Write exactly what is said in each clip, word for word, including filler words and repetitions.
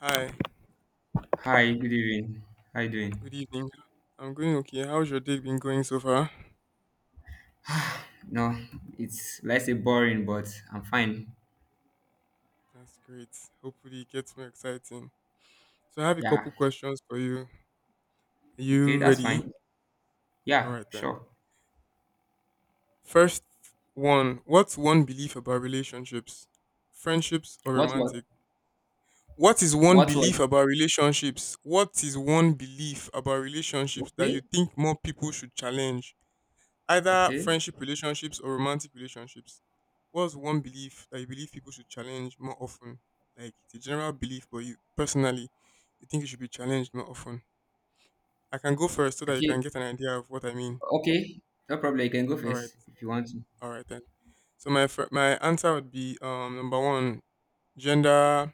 Hi, Hi, good evening. How you doing? good evening. I'm going okay. How's your day been going so far? No, it's let's say boring, but I'm fine. That's great. Hopefully, it gets more exciting. So, I have a Yeah. couple questions for you. Are Okay, you that's ready? fine. All Yeah, right, then. sure. First one. What's one belief about relationships, friendships, or What was romantic? What is one what was belief about relationships? What is one belief about relationships that you okay? think more people should challenge? Either Okay. friendship relationships or romantic relationships. What's one belief that you believe people should challenge more often? Like, it's a general belief, but you personally, you think you should be challenged more often. I can go first so I that you feel can get an idea of what I mean. okay. No problem. You can go All right, first if you want to. all right then. So my fir- my answer would be um number one, gender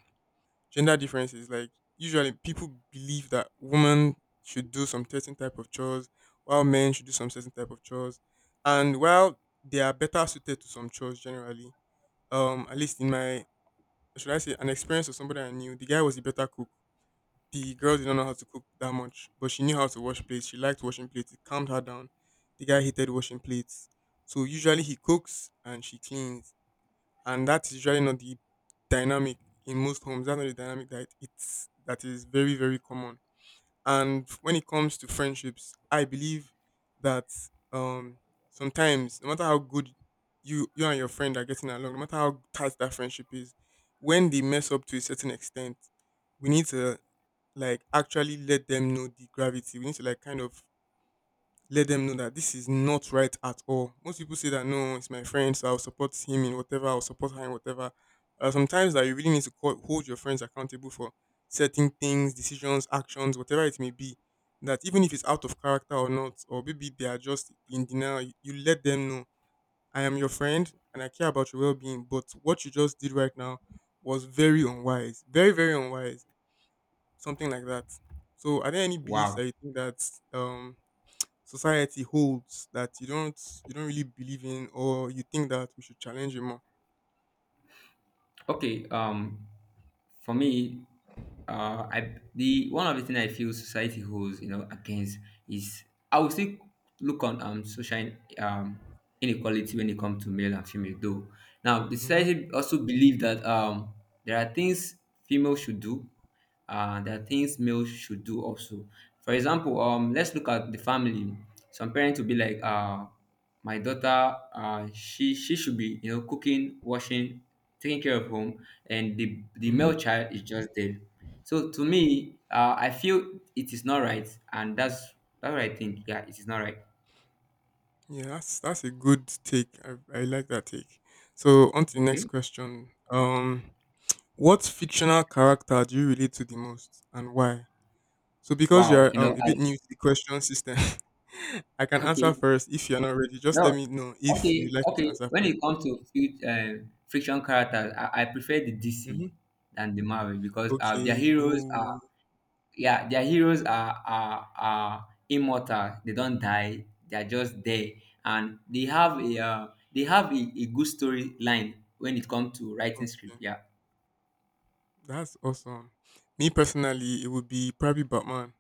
gender differences, like usually people believe that women should do some certain type of chores, while men should do some certain type of chores, and while they are better suited to some chores generally, um, at least in my, should I say, an experience of somebody I knew, the guy was a better cook. The girl did not know how to cook that much, but she knew how to wash plates. She liked washing plates. It calmed her down. The guy hated washing plates. So usually he cooks and she cleans, and that's usually not the dynamic in most homes. That's not the dynamic that it's that is very very common. And when it comes to friendships, I believe that, um, sometimes no matter how good you you and your friend are getting along, no matter how tight that friendship is, when they mess up to a certain extent, we need to, like, actually let them know the gravity. We need to, like, kind of let them know that this is not right at all. Most people say that, no, it's my friend, so I'll support him in whatever, I'll support her in whatever. Uh, sometimes that you really need to call, hold your friends accountable for certain things, decisions, actions, whatever it may be. That, even if it's out of character or not, or maybe they are just in denial, you, you let them know, I am your friend and I care about your well-being. But what you just did right now was very unwise, very very unwise, something like that. So are there any beliefs Wow. that you think that um society holds that you don't you don't really believe in, or you think that we should challenge it more? Okay, um, for me, uh, I the one of the things I feel society holds you know against is I would still look on um social um inequality when it comes to male and female though. Now, the Mm-hmm. society also believe that um there are things female should do uh, there are things males should do also. For example, um, let's look at the family. Some parents will be like, uh, my daughter, uh, she she should be you know cooking, washing, taking care of home, and the the Mm-hmm. male child is just there. So to me, uh, I feel it is not right, and that's that's what I think. Yeah, it is not right. Yeah, that's that's a good take. I, I like that take. So on to the next Okay. question. Um, what fictional character do you relate to the most and why? So because Wow. you're You um know, a I bit new to the question system, I can answer okay. first. If you're not ready, just No, let me know if okay, you'd like me to okay. answer When first. it comes to few um, friction characters, I, I prefer the D C Mm-hmm. than the Marvel because uh, their Okay. heroes are Ooh. yeah, their heroes are, are are immortal. They don't die. They are just there, and they have a uh, they have a, a good storyline when it comes to writing script. Okay. Yeah. That's awesome. Me personally, it would be probably Batman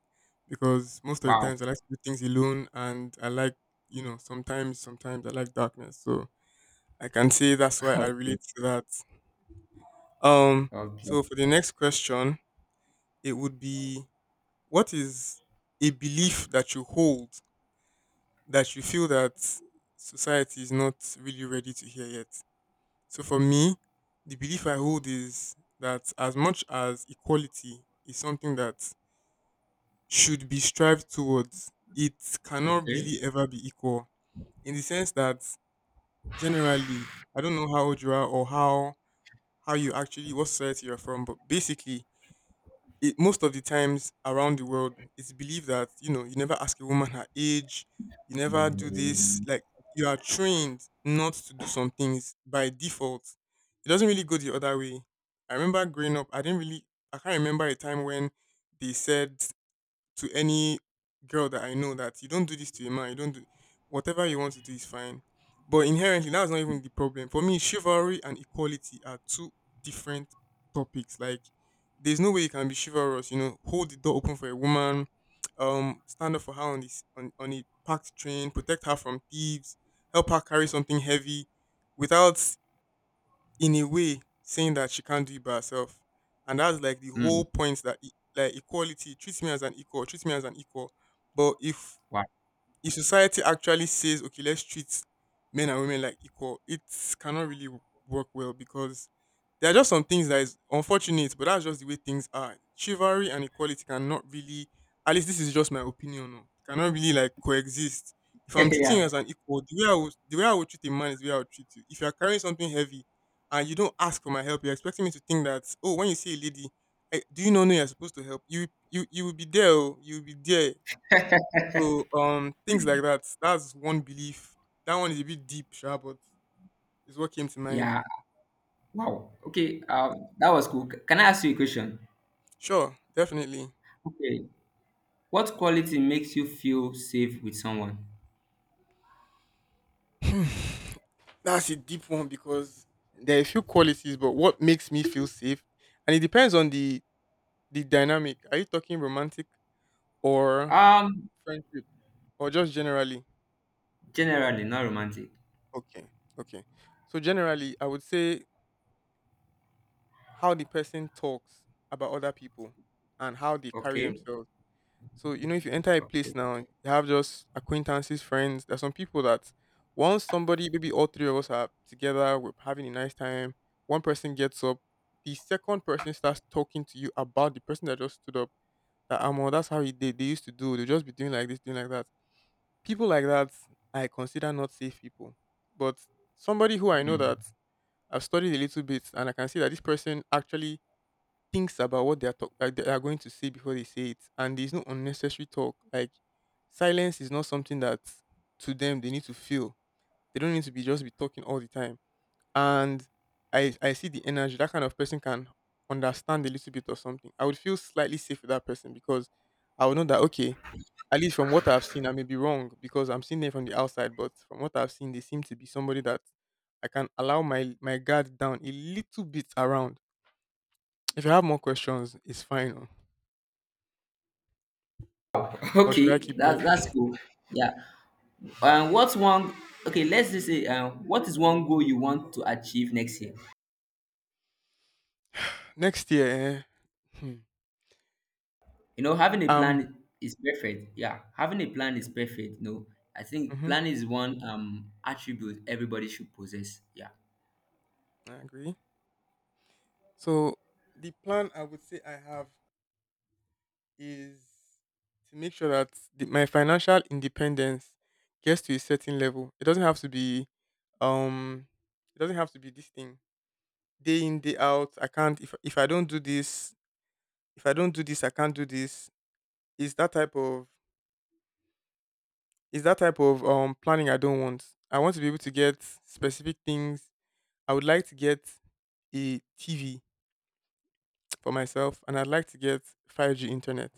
because most of the Wow. times I like to do things alone and I like, you know, sometimes sometimes I like darkness. So I can say that's why I Okay. relate to that. Um Okay. so for the next question, it would be, what is a belief that you hold that you feel that society is not really ready to hear yet? So for me, the belief I hold is that as much as equality is something that should be strived towards, it cannot Okay. really ever be equal, in the sense that generally, I don't know how old you are or how how you actually, what society you're from, but basically, it, most of the times around the world, it's believed that, you know, you never ask a woman her age, you never do this. Like, you are trained not to do some things by default. It doesn't really go the other way. I remember growing up, I didn't really, I can't remember a time when they said to any girl that I know that you don't do this to a man, you don't do, whatever you want to do is fine. But inherently, that's not even the problem. For me, chivalry and equality are two different topics. Like, there's no way you can be chivalrous, you know, hold the door open for a woman, um, stand up for her on this on, on a packed train, protect her from thieves, help her carry something heavy without, in a way, saying that she can't do it by herself. And that's like the Mm, whole point, that e- like equality treats me as an equal, treats me as an equal. But if wow. if society actually says, okay, let's treat men and women like equal, it cannot really w- work well, because there are just some things that is unfortunate, but that's just the way things are. Chivalry and equality cannot really, at least this is just my opinion, oh, cannot really like coexist. If I'm treating you yeah. as an equal, the way i would the way i would treat a man is the way I would treat you. If you're carrying something heavy and you don't ask for my help, you're expecting me to think that, oh, when you see a lady, I, do you not know you're supposed to help, you you you will be there, oh, you will be there. So um things like that. That's one belief. That one is a bit deep, sure, but it's what came to mind. Yeah. Wow. Okay. Um, that was cool. C- Can I ask you a question? Sure, definitely. Okay. What quality makes you feel safe with someone? That's a deep one, because there are a few qualities, but what makes me feel safe? And it depends on the the dynamic. Are you talking romantic or Um, friendship? Or just generally? generally, not romantic. Okay. Okay. So generally I would say how the person talks about other people and how they carry Okay. themselves. So, you know, if you enter a place Okay. now, you have just acquaintances, friends. There's some people that, once somebody, maybe all three of us are together, we're having a nice time. One person gets up, the second person starts talking to you about the person that just stood up. That Amo, that's how he did. They used to do. They just be doing like this, doing like that. People like that, I consider not safe people. But somebody who I know Hmm. that I've studied a little bit, and I can see that this person actually thinks about what they are talk- like they are going to say before they say it, and there's no unnecessary talk. Like, silence is not something that to them they need to feel. They don't need to be just be talking all the time. And I I see the energy that kind of person can understand a little bit of something. I would feel slightly safe with that person because I would know that, okay, at least from what I've seen, I may be wrong because I'm seeing them from the outside, but from what I've seen, they seem to be somebody that I can allow my my guard down a little bit around. If you have more questions, it's fine. Or should I Okay. keep going? That's that's cool. Yeah. And what's one? Okay, let's just say, uh, what is one goal you want to achieve next year? Next year, eh? hmm, You know, having a um, plan is perfect. Yeah, having a plan is perfect. No, I think hmm, plan is one um attribute everybody should possess. Yeah. I agree. So the plan I would say I have is to make sure that the, my financial independence gets to a certain level. It doesn't have to be, um, it doesn't have to be this thing day in day out. I can't, if if I don't do this, if I don't do this, I can't do this. Is that type of is that type of um planning I don't want. I want to be able to get specific things. I would like to get a T V for myself, and I'd like to get five G internet.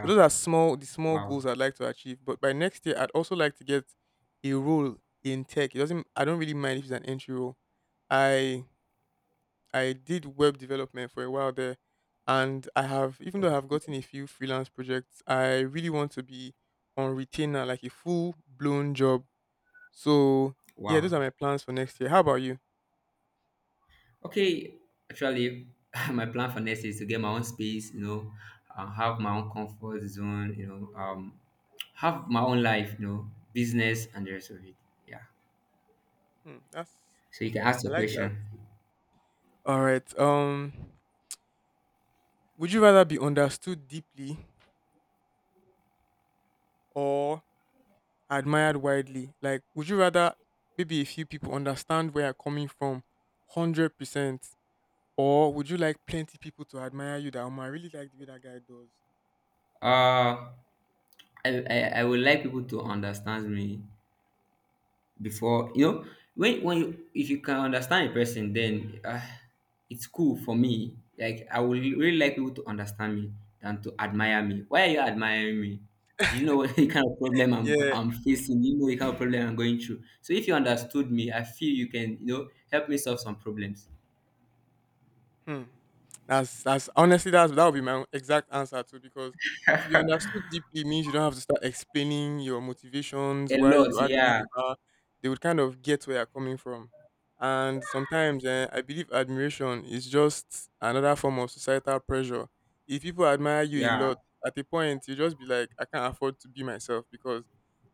So those are small the small goals Wow. I'd like to achieve. But by next year I'd also like to get a role in tech. It doesn't I don't really mind if it's an entry role. I I did web development for a while there, and I have, even though I've Okay. gotten a few freelance projects, I really want to be on retainer, like a full blown job. So yeah, those are Wow. my plans for next year. How about you? Okay, actually, my plan for next year is to get my own space, you know, uh, have my own comfort zone, you know, um, have my own life, you know, business and the rest of it. Yeah. Hmm, that's, So you can ask I your like that. question. All right. Um, would you rather be understood deeply or admired widely? Like, would you rather maybe a few people understand where you're coming from, hundred percent, or would you like plenty people to admire you that, "Oh, I really like the way that guy does." Uh, I, I, I would like people to understand me before you know when when you if you can understand a person then uh, it's cool for me, like I would really like people to understand me than to admire me. Why are you admiring me? Do you know what the kind of problem i'm Yeah, i'm facing? Do you know the kind of problem I'm going through? So if you understood me, I feel you can, you know, help me solve some problems hmm. That's that's honestly, that's that would be my own exact answer too, because to be understood deeply means you don't have to start explaining your motivations, a why you lot. are the way Yeah, you are. They would kind of get where you're coming from. And sometimes, eh, I believe admiration is just another form of societal pressure. If people admire you a yeah, lot, at a point you just be like, I can't afford to be myself because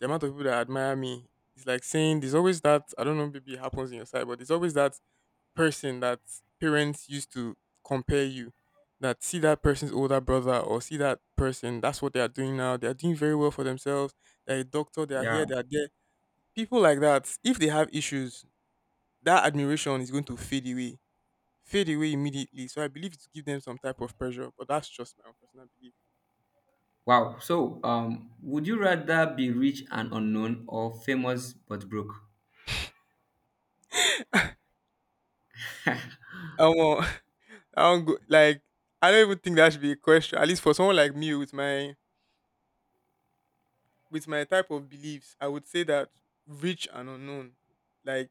the amount of people that admire me, it's like saying there's always that I don't know maybe it happens in your side, but there's always that person that parents used to compare you that see that person's older brother or see that person that's what they are doing now they are doing very well for themselves. They're a doctor, they are yeah. here, they are there. People like that if they have issues that admiration is going to fade away, fade away immediately. So I believe to give them some type of pressure, but that's just my own personal belief. Wow. So um would you rather be rich and unknown or famous but broke? i won't i won't go like, I don't even think that should be a question, at least for someone like me with my with my type of beliefs. I would say that rich and unknown, like,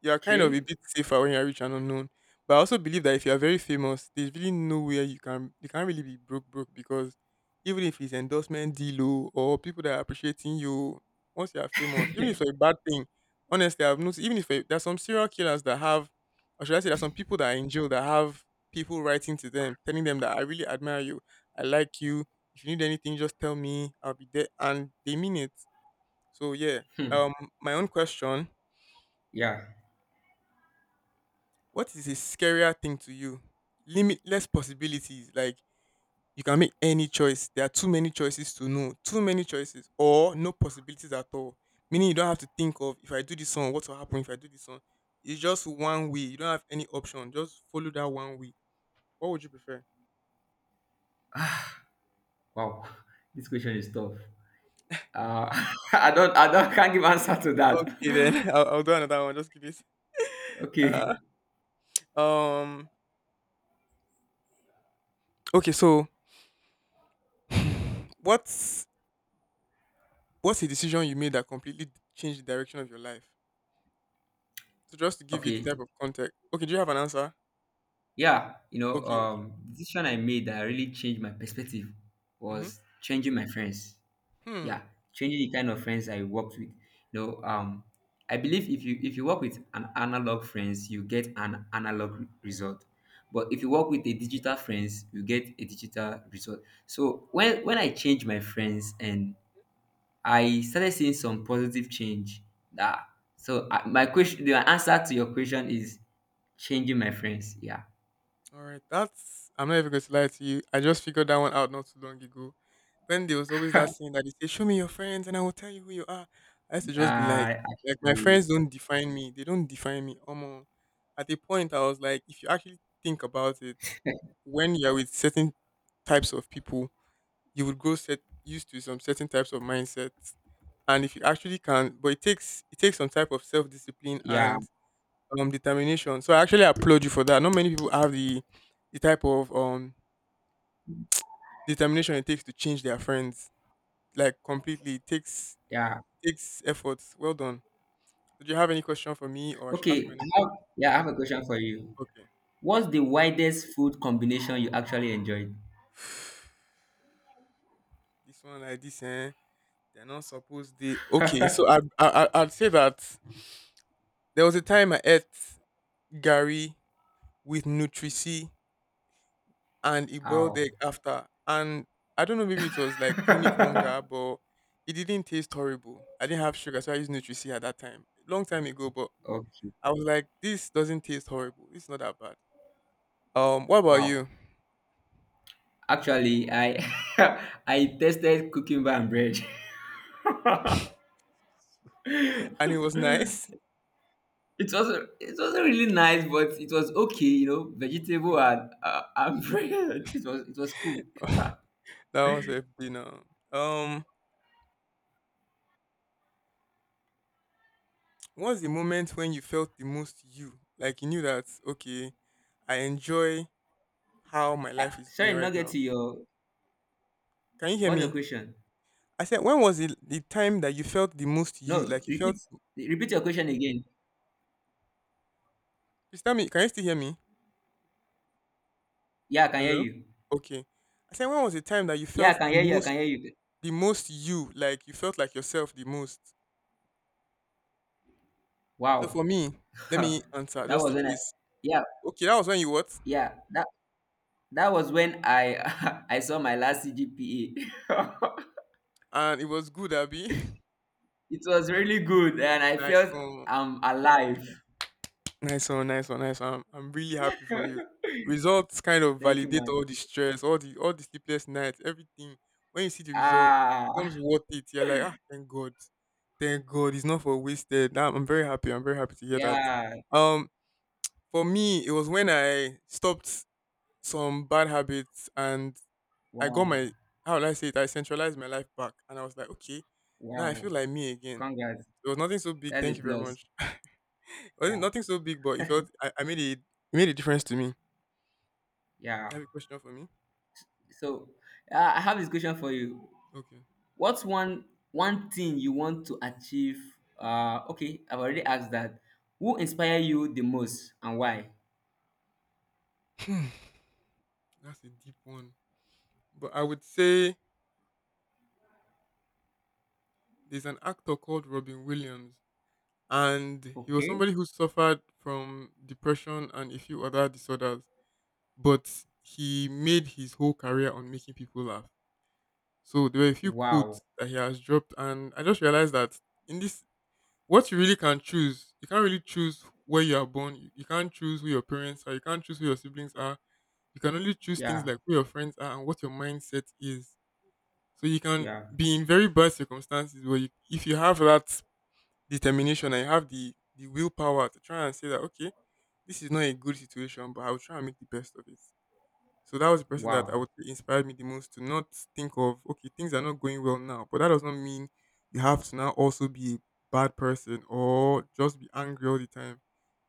you are kind of a Okay. bit safer when you're rich and unknown. But I also believe that if you are very famous, there's really nowhere you can, you can't really be broke broke because even if it's endorsement deal, oh, or people that are appreciating you, once you are famous, even if it's a bad thing, honestly, I've noticed even if there's some serial killers that have, or should I say, there's some people that are in jail that have people writing to them telling them that I really admire you, I like you. If you need anything, just tell me. I'll be there, and they mean it. So yeah. Hmm. Um, my own question: Yeah. what is a scarier thing to you? Limitless possibilities, like you can make any choice. There are too many choices to know, too many choices, or no possibilities at all. Meaning you don't have to think of if I do this one, what will happen if I do this one. It's just one way. You don't have any option. Just follow that one way. What would you prefer? Wow, this question is tough. Uh, I don't, I don't, can't give answer to Okay, then that. I'll, I'll do another one. Just give it. Okay, Uh, um. Okay, so what's what's a decision you made that completely changed the direction of your life? So just to give you the okay, type of context. Okay, do you have an answer? yeah, you know, Okay, okay. um, the decision I made that really changed my perspective Mm-hmm. was changing my friends. Hmm. Yeah, changing the kind of friends I worked with. You know, um, I believe if you if you work with an analog friends, you get an analog re- result. But if Hmm. you work with a digital friends, you get a digital result. So when when I change my friends and I started seeing some positive change. That so uh, my question, the answer to your question is changing my friends. Yeah. All right. That's, I'm not even going to lie to you, I just figured that one out not too long ago. When there was always that saying that they say, show me your friends and I will tell you who you are. I used to just be like, Uh, like my actually, friends don't define me. They don't define me. Um, at a point I was like, if you actually think about it, when you're with certain types of people, you would go set used to some certain types of mindset. And if you actually can, but it takes it takes some type of self-discipline yeah, and um determination. So I actually applaud you for that. Not many people have the the type of um determination it takes to change their friends like completely. it takes yeah. it takes effort, well done. So, do you have any question for me or I should ask my Okay. I next? have, yeah, I have a question for you. Okay. What's the widest food combination you actually enjoyed? This one like this eh, they're not supposed, they, okay, so i i I- I'd say that there was a time I ate gary with nutrici and a boiled Ow. egg after. And I don't know, maybe it was like chronic hunger, but it didn't taste horrible. I didn't have sugar, so I used Nutricia at that time, long time ago. But Okay. I was like, this doesn't taste horrible. It's not that bad. Um, what about Wow. you? Actually, I I tested cooking by and bread. And it was nice. It was it wasn't really nice, but it was okay, you know, vegetable Okay. and uh, and bread. It was it was cool. That was a dinner. Um, what's the moment when you felt the most you? Like you knew that okay, I enjoy how my Uh, life is going sorry, not right get now. to your Can you hear what's your me? question? I said, when was it the time that you felt the most No, you? Like you repeat felt. repeat your question again. Please tell me, can you still hear me? Yeah, I can hear Hello? you. Okay. I said, when was the time that you Yeah, I felt can the hear you. I most, can hear you. the most you, like you felt like yourself the most? So Wow, for me, let that me answer just was in when I case. yeah Okay, that was when you what? yeah that that was when I I saw my last C G P A. And it was good, Abby. It was really good, and I Nice felt one. I'm alive. Nice one, nice one, nice one. I'm, I'm really happy for you. Results kind of Thank you, validate man. all the stress, all the all the sleepless nights, everything. When you see the result, it becomes Ah, worth it. You're like, ah, thank God. Thank God. It's not for wasted. I'm, I'm very happy. I'm very happy to hear that. yeah. Um, For me, it was when I stopped some bad habits and I got Wow, my, how will I say it? I centralized my life back, and I was like, okay, now I feel wow. like me again. Congrats. It was nothing so big. That's a Thank you very plus. much. It wasn't Yeah, nothing so big, but it felt I, I made it. It made a difference to me. You yeah. have a question for me? So uh, I have this question for you. Okay, What's one one thing you want to achieve? Uh, okay, I've already asked that. Who inspire you the most and why? hmm, that's a deep one. But I would say there's an actor called Robin Williams, and he was Okay. somebody who suffered from depression and a few other disorders, but he made his whole career on making people laugh. So there were a few Wow. quotes that he has dropped, and I just realized that in this, what you really can choose, you can't really choose where you are born, you, you can't choose who your parents are, you can't choose who your siblings are, you can only choose things Yeah, like who your friends are and what your mindset is. So you can yeah. be in very bad circumstances where you, if you have that determination and you have the the willpower to try and say that okay, this is not a good situation, but I will try and make the best of it. So that was the person that I Wow. would say inspired me the most to not think of, okay, things are not going well now, but that does not mean you have to now also be a bad person or just be angry all the time.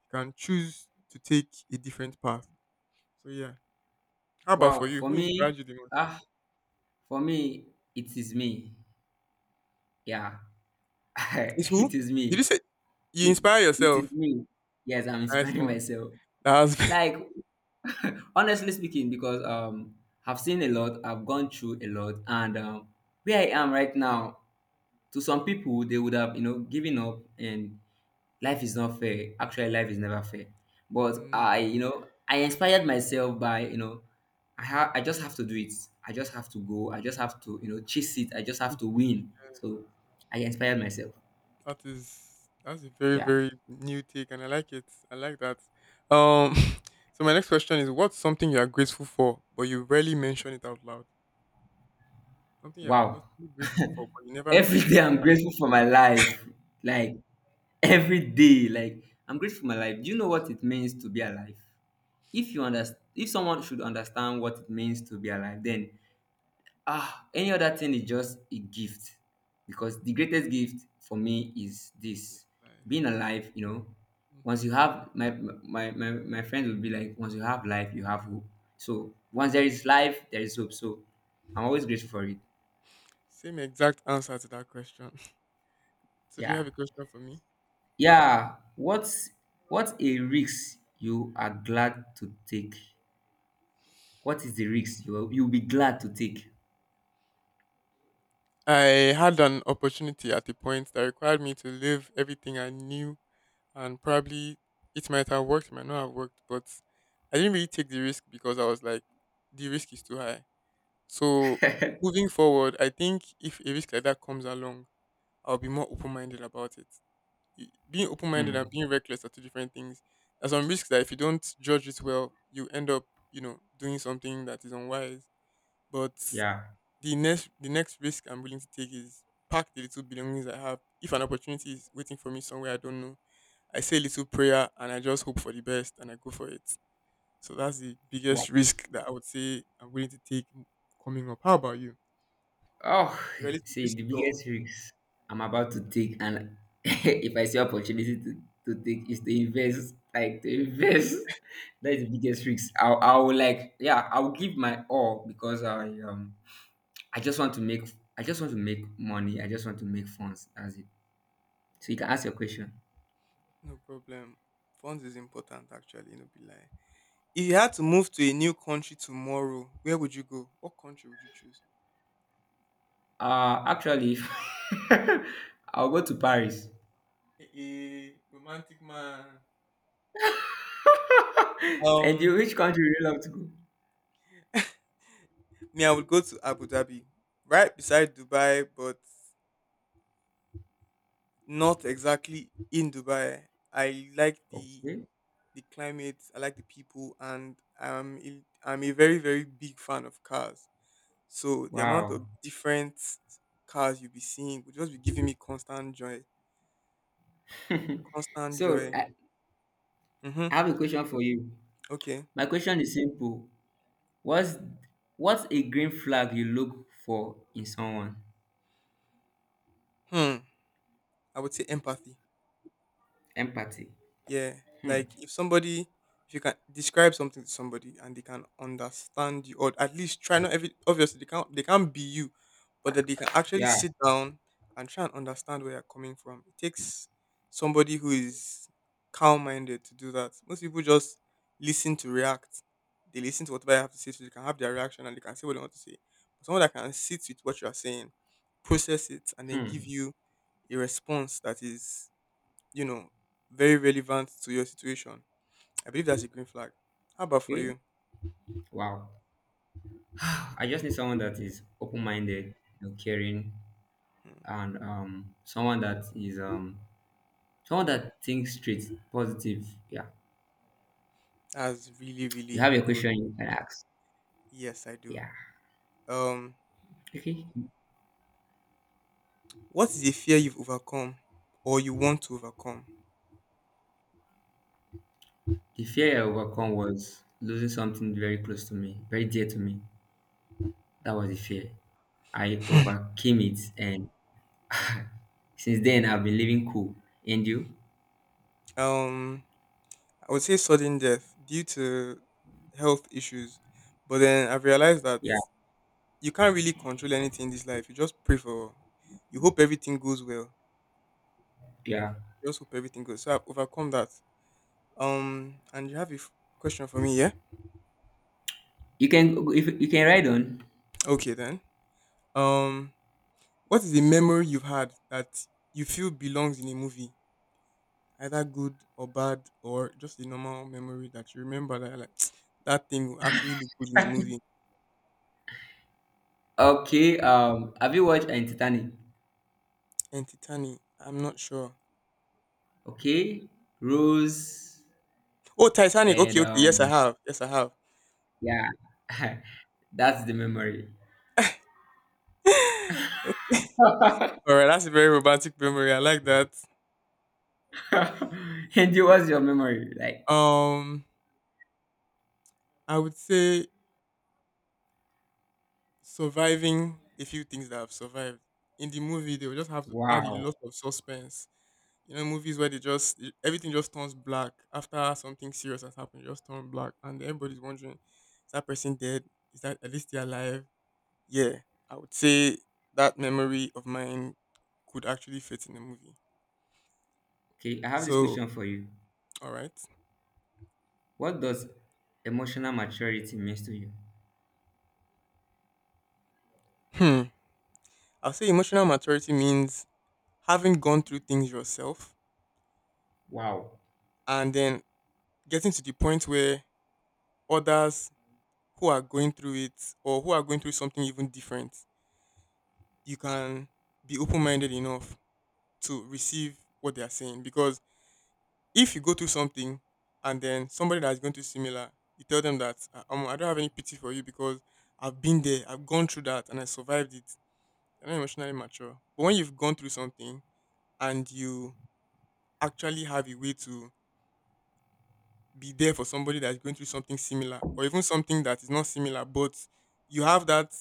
You can choose to take a different path. So yeah. How about for Wow. you? For Who me, inspired you the most? ah, for me, it is me. Yeah, Is who? it is Did you me. say you inspire It is yourself? me. Yes, I'm Nice inspiring one. myself. That's Like honestly speaking because um I've seen a lot, I've gone through a lot, and um, where I am right now, to some people they would have, you know, given up. And life is not fair, actually life is never fair, but mm, I, you know, I inspired myself by, you know, I have, I just have to do it, I just have to go, I just have to, you know, chase it, I just have good to question. win. Yeah. So I inspired myself. That is, that's a very Yeah. very new take, and I like it. I like that. Um, so my next question is: what's something you are grateful for, but you rarely mention it out loud? Something you are Wow. constantly grateful for, but you never Every mention it day out I'm grateful for my life. Like every day, like I'm grateful for my life. Do you know what it means to be alive? If you understand, if someone should understand what it means to be alive, then ah, any other thing is just a gift because the greatest gift for me is in this, life. being alive, you know. Once Mhm. you have my my my, my friends will be like, once you have life you have hope. So once there is life there is hope, so I'm always grateful for it. Same exact answer to that question. So do you Yeah. have a question for me? Yeah, what's what a risk you are glad to take? What is the risk you'll you'll be glad to take? I had an opportunity at a point that required me to leave everything I knew, and probably it might have worked, it might not have worked, but I didn't really take the risk because I was like, the risk is too high. So moving forward, I think if a risk like that comes along, I'll be more open minded about it. Y- Being open minded and Hmm. being reckless are two different things. There's some risks that if you don't judge it well, you end up, you know, doing something that is unwise. But Yeah. the next the next risk I'm willing to take is pack the little belongings I have. If an opportunity is waiting for me somewhere I don't know, I say a little prayer and I just hope for the best and I go for it. So that's the biggest Wow. risk that I would say I'm willing to take coming up. How about you? Oh, You're ready to see, risk the it all. biggest risk I'm about to take, and if I see opportunity to, to take, is to invest. Like to invest. That is the biggest risk. I'll, I'll like, yeah, I'll give my all because I um, I just want to make, I just want to make money. I just want to make funds. That's it. So you can ask your question. No problem. Funds is important actually, no be lie. If you had to move to a new country tomorrow, where would you go? What country would you choose? Uh, actually, I'll go to Paris. A romantic man. And Um, you, which country would you love to go? me, I would go to Abu Dhabi. Right beside Dubai, but not exactly in Dubai. I like the Okay. the climate, I like the people and I'm a, I'm a very, very big fan of cars. So the amount of Wow. different cars you'll be seeing would just be giving me constant joy. Constant So joy. I, Mm-hmm. I have a question for you. Okay. My question is simple. What's what's a green flag you look for in someone? Hmm. I would say empathy. Empathy. Yeah, Hmm. like if somebody, if you can describe something to somebody and they can understand you, or at least try, not every, obviously they can't they can't be you, but that they can actually Yeah. sit down and try and understand where you're coming from. It takes somebody who is calm minded to do that. Most people just listen to react. They listen to whatever I have to say, so they can have their reaction and they can say what they want to say. But someone that can sit with what you are saying, process it, and then give Hmm. you a response that is, you know, very relevant to your situation, I believe that's a green flag. How about for Okay. you? Wow. I just need someone that is open-minded, you know, caring, Hmm, and um, someone that is um, someone that thinks straight, positive. Yeah. that's really, You really have a good. question you can ask. Yes, I do. Yeah. Um, Okay. what is a fear you've overcome or you want to overcome? The fear I overcome was losing something very close to me, very dear to me. That was the fear. I overcame it, and since then I've been living cool. And you? um, I would say sudden death due to health issues, but then I've realized that Yeah, you can't really control anything in this life. You just pray for, you hope everything goes well. yeah. Just hope everything goes. So I've overcome that. Um, and you have a f- question for me, yeah? You can if you can ride on. Okay then. Um, what is a memory you've had that you feel belongs in a movie, either good or bad, or just a normal memory that you remember that you're like that thing will actually look good in a movie? Okay. Um, have you watched uh, Titanic? And Titanic, I'm not sure. Okay, Rose, Oh, Titanic. and Okay, okay. Yes, I um, have. Yes, I have. yeah, that's the memory. Okay, all right, that's a very romantic memory. I like that. And you, what's your memory like? Um, I would say surviving a few things that have survived in the movie. They will just have to add a lot Wow. of suspense. You know, movies where they just e- everything just turns black after something serious has happened, it just turn black, and everybody's wondering, is that person dead? Is that at least they're alive? Yeah, I would say that memory of mine could actually fit in the movie. Okay, I have this So, question for you. all right. What does emotional maturity means to you? Hmm. I'll say emotional maturity means having gone through things yourself Wow. and then getting to the point where others who are going through it or who are going through something even different, you can be open minded enough to receive what they are saying. Because if you go through something and then somebody that's going through similar, you tell them that "Ah, omo, I don't have any pity for you because I've been there, I've gone through that, and I survived it. You're not emotionally mature. But when you've gone through something and you actually have a way to be there for somebody that's going through something similar, or even something that is not similar, but you have that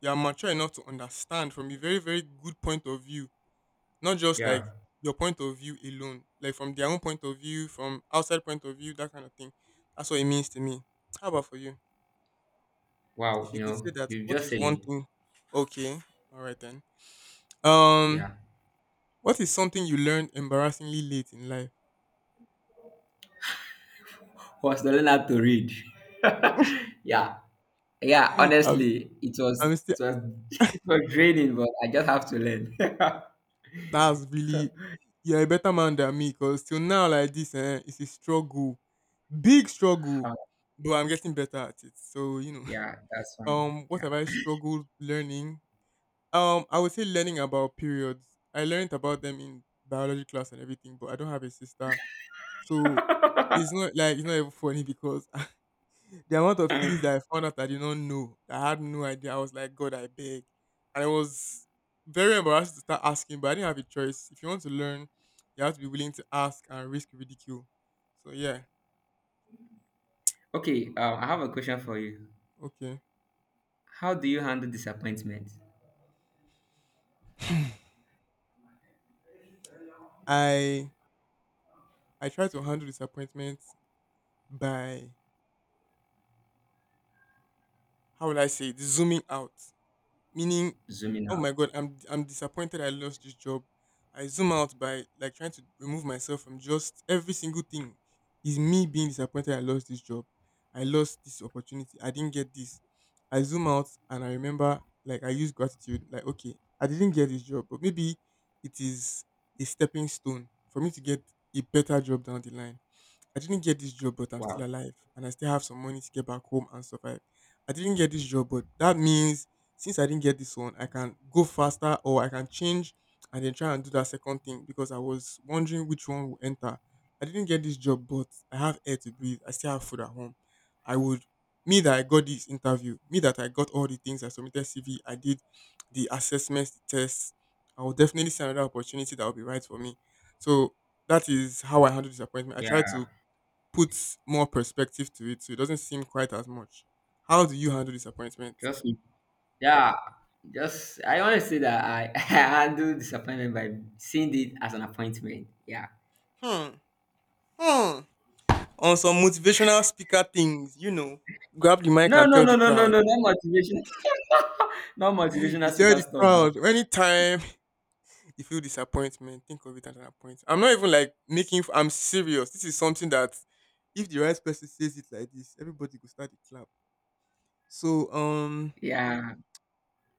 you are mature enough to understand from a very, very good point of view not just like Yeah. your point of view alone, like from their own point of view, from outside point of view, that kind of thing. That's what it means to me. How about for you? Wow. If you You could say know, that, you what just is said one it. thing? Okay, all right then. Um, Yeah. what is something you learned embarrassingly late in life? Was learning how to read. Yeah, yeah. I'm, Honestly, it was I'm still. it was it was draining, but I just have to learn. That's really. You're a better man than me, cause till now like this, eh, it's a struggle, big struggle. Uh, But I'm getting better at it. So you know, yeah. That's fine. um, what Yeah. have I struggled learning. Um, I would say learning about periods. I learned about them in biology class and everything, but I don't have a sister, so it's not like it's not even funny because the amount of things that I found out I did not know, that I had no idea. I was like, God, I beg, and it was very embarrassed to start asking, but I didn't have a choice. If you want to learn, you have to be willing to ask and risk ridicule. So yeah, Okay. Um, I have a question for you. okay. How do you handle disappointment? I I try to handle disappointment by how will I say it, zooming out, meaning Zooming oh out. my god, i'm i'm disappointed, I lost this job. I zoom out by like trying to remove myself from just every single thing is me being disappointed I lost this job, I lost this opportunity, I didn't get this. I zoom out and I remember, like I use gratitude, like okay, I didn't get this job, but maybe it is a stepping stone for me to get a better job down the line. I didn't get this job, but I'm still Wow. alive and I still have some money to get back home and survive. I didn't get this job, but that means since I didn't get this one, I can go faster or I can change and then try and do that second thing because I was wondering which one will enter. I didn't get this job, but I have air to breathe. I still have food at home. I would, me that I got this interview, me that I got all the things I submitted C V, I did the assessments, the tests. I will definitely see another opportunity that will be right for me. So that is how I handle disappointment. I try Yeah. to puts more perspective to it so it doesn't seem quite as much. How do you handle disappointment? Just yeah, just I want to say that I I handle disappointment by seeing it as an appointment. Yeah. Hmm. Hmm. On some motivational speaker things, you know, grab the mic No, and no, tell the no, no, no, crowd. no, not motivation, not You motivational tell speaker the stuff though. crowd anytime you feel disappointment, think of it as an appointment. I'm not even like making, f- I'm serious. This is something that if the right person says it like this, everybody will start to clap. So, um, Yeah.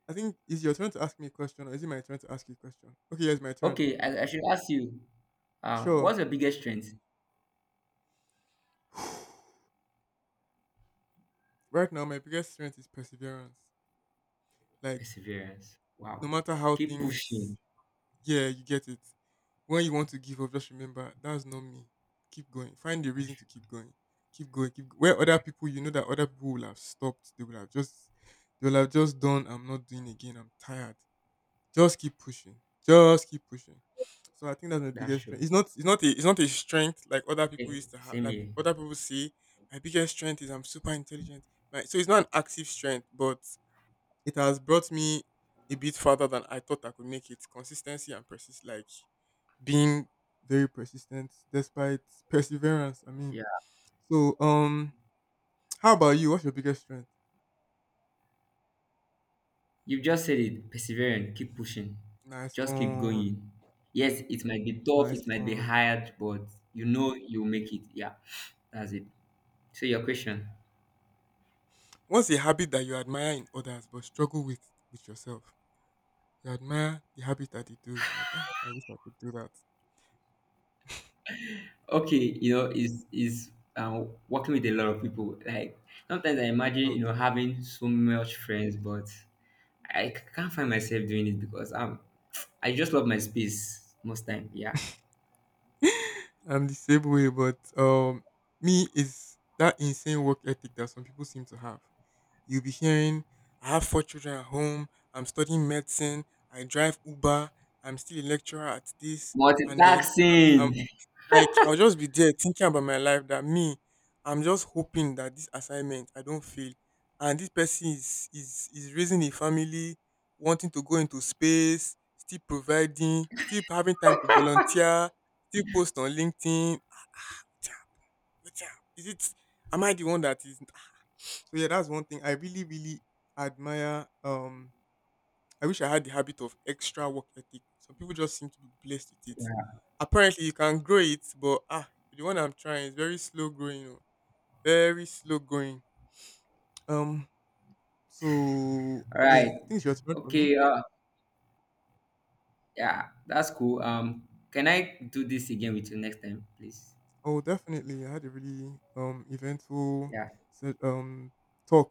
I think it's your turn to ask me a question, or is it my turn to ask you a question? Okay, yes, my turn. Okay, I, I should ask you, um, Sure. what's your biggest strength? Right now, my biggest strength is perseverance. Like, Perseverance. no Wow. matter how Keep things, pushing. yeah, you get it. When you want to give up, just remember that's not me. Keep going. Find the That's reason to keep true. going. Keep going. Keep go- where other people, you know that other people will have stopped. They will have just, they will have just done. I'm not doing again. I'm tired. Just keep pushing. Just keep pushing. So I think that's my That's biggest strength. true. It's not. It's not a. It's not a strength like other people Hey, used to have. same Like here. other people say, my biggest strength is I'm super intelligent. Like, so it's not an active strength, but it has brought me a bit further than I thought I could make it. Consistency and persist, like being very persistent despite perseverance. I mean, so um, how about you? What's your biggest strength? You've just said it. Persevering, keep pushing, Nice just keep one, going. Yes, it might be tough, nice it might be one. hard, but you know you'll make it. Yeah, that's it. So your question, What's a habit that you admire in others but struggle with with yourself? You admire the habit that they do, like ah, I wish I could do that. okay, you know, is is um, working with a lot of people. Like sometimes I imagine, you Okay. know, having so much friends, but I c- can't find myself doing it because I'm I just love my space most time. Yeah, I'm the same way, but um, me is that insane work ethic that some people seem to have. You'll be hearing, I have four children at home, I'm studying medicine, I drive Uber, I'm still a lecturer at this, and then I'm, I'm multitasking. like, I'll just be there thinking about my life that me, I'm just hoping that this assignment, I don't fail. And this person is, is, is raising a family, wanting to go into space, still providing, still having time to volunteer, still post on LinkedIn. Wait up, wait up. Is it, am I the one that is so yeah, that's one thing I really, really admire. Um, I wish I had the habit of extra work ethic. Some people just seem to be blessed with it. Yeah. Apparently, you can grow it, but ah, the one I'm trying is very slow growing. Oh, very slow going. Um, so All yeah, right. I think it's your turn for me. Okay. Uh, yeah, that's cool. Um, can I do this again with you next time, please? Oh, definitely. I had a really um eventful Yeah. se- um talk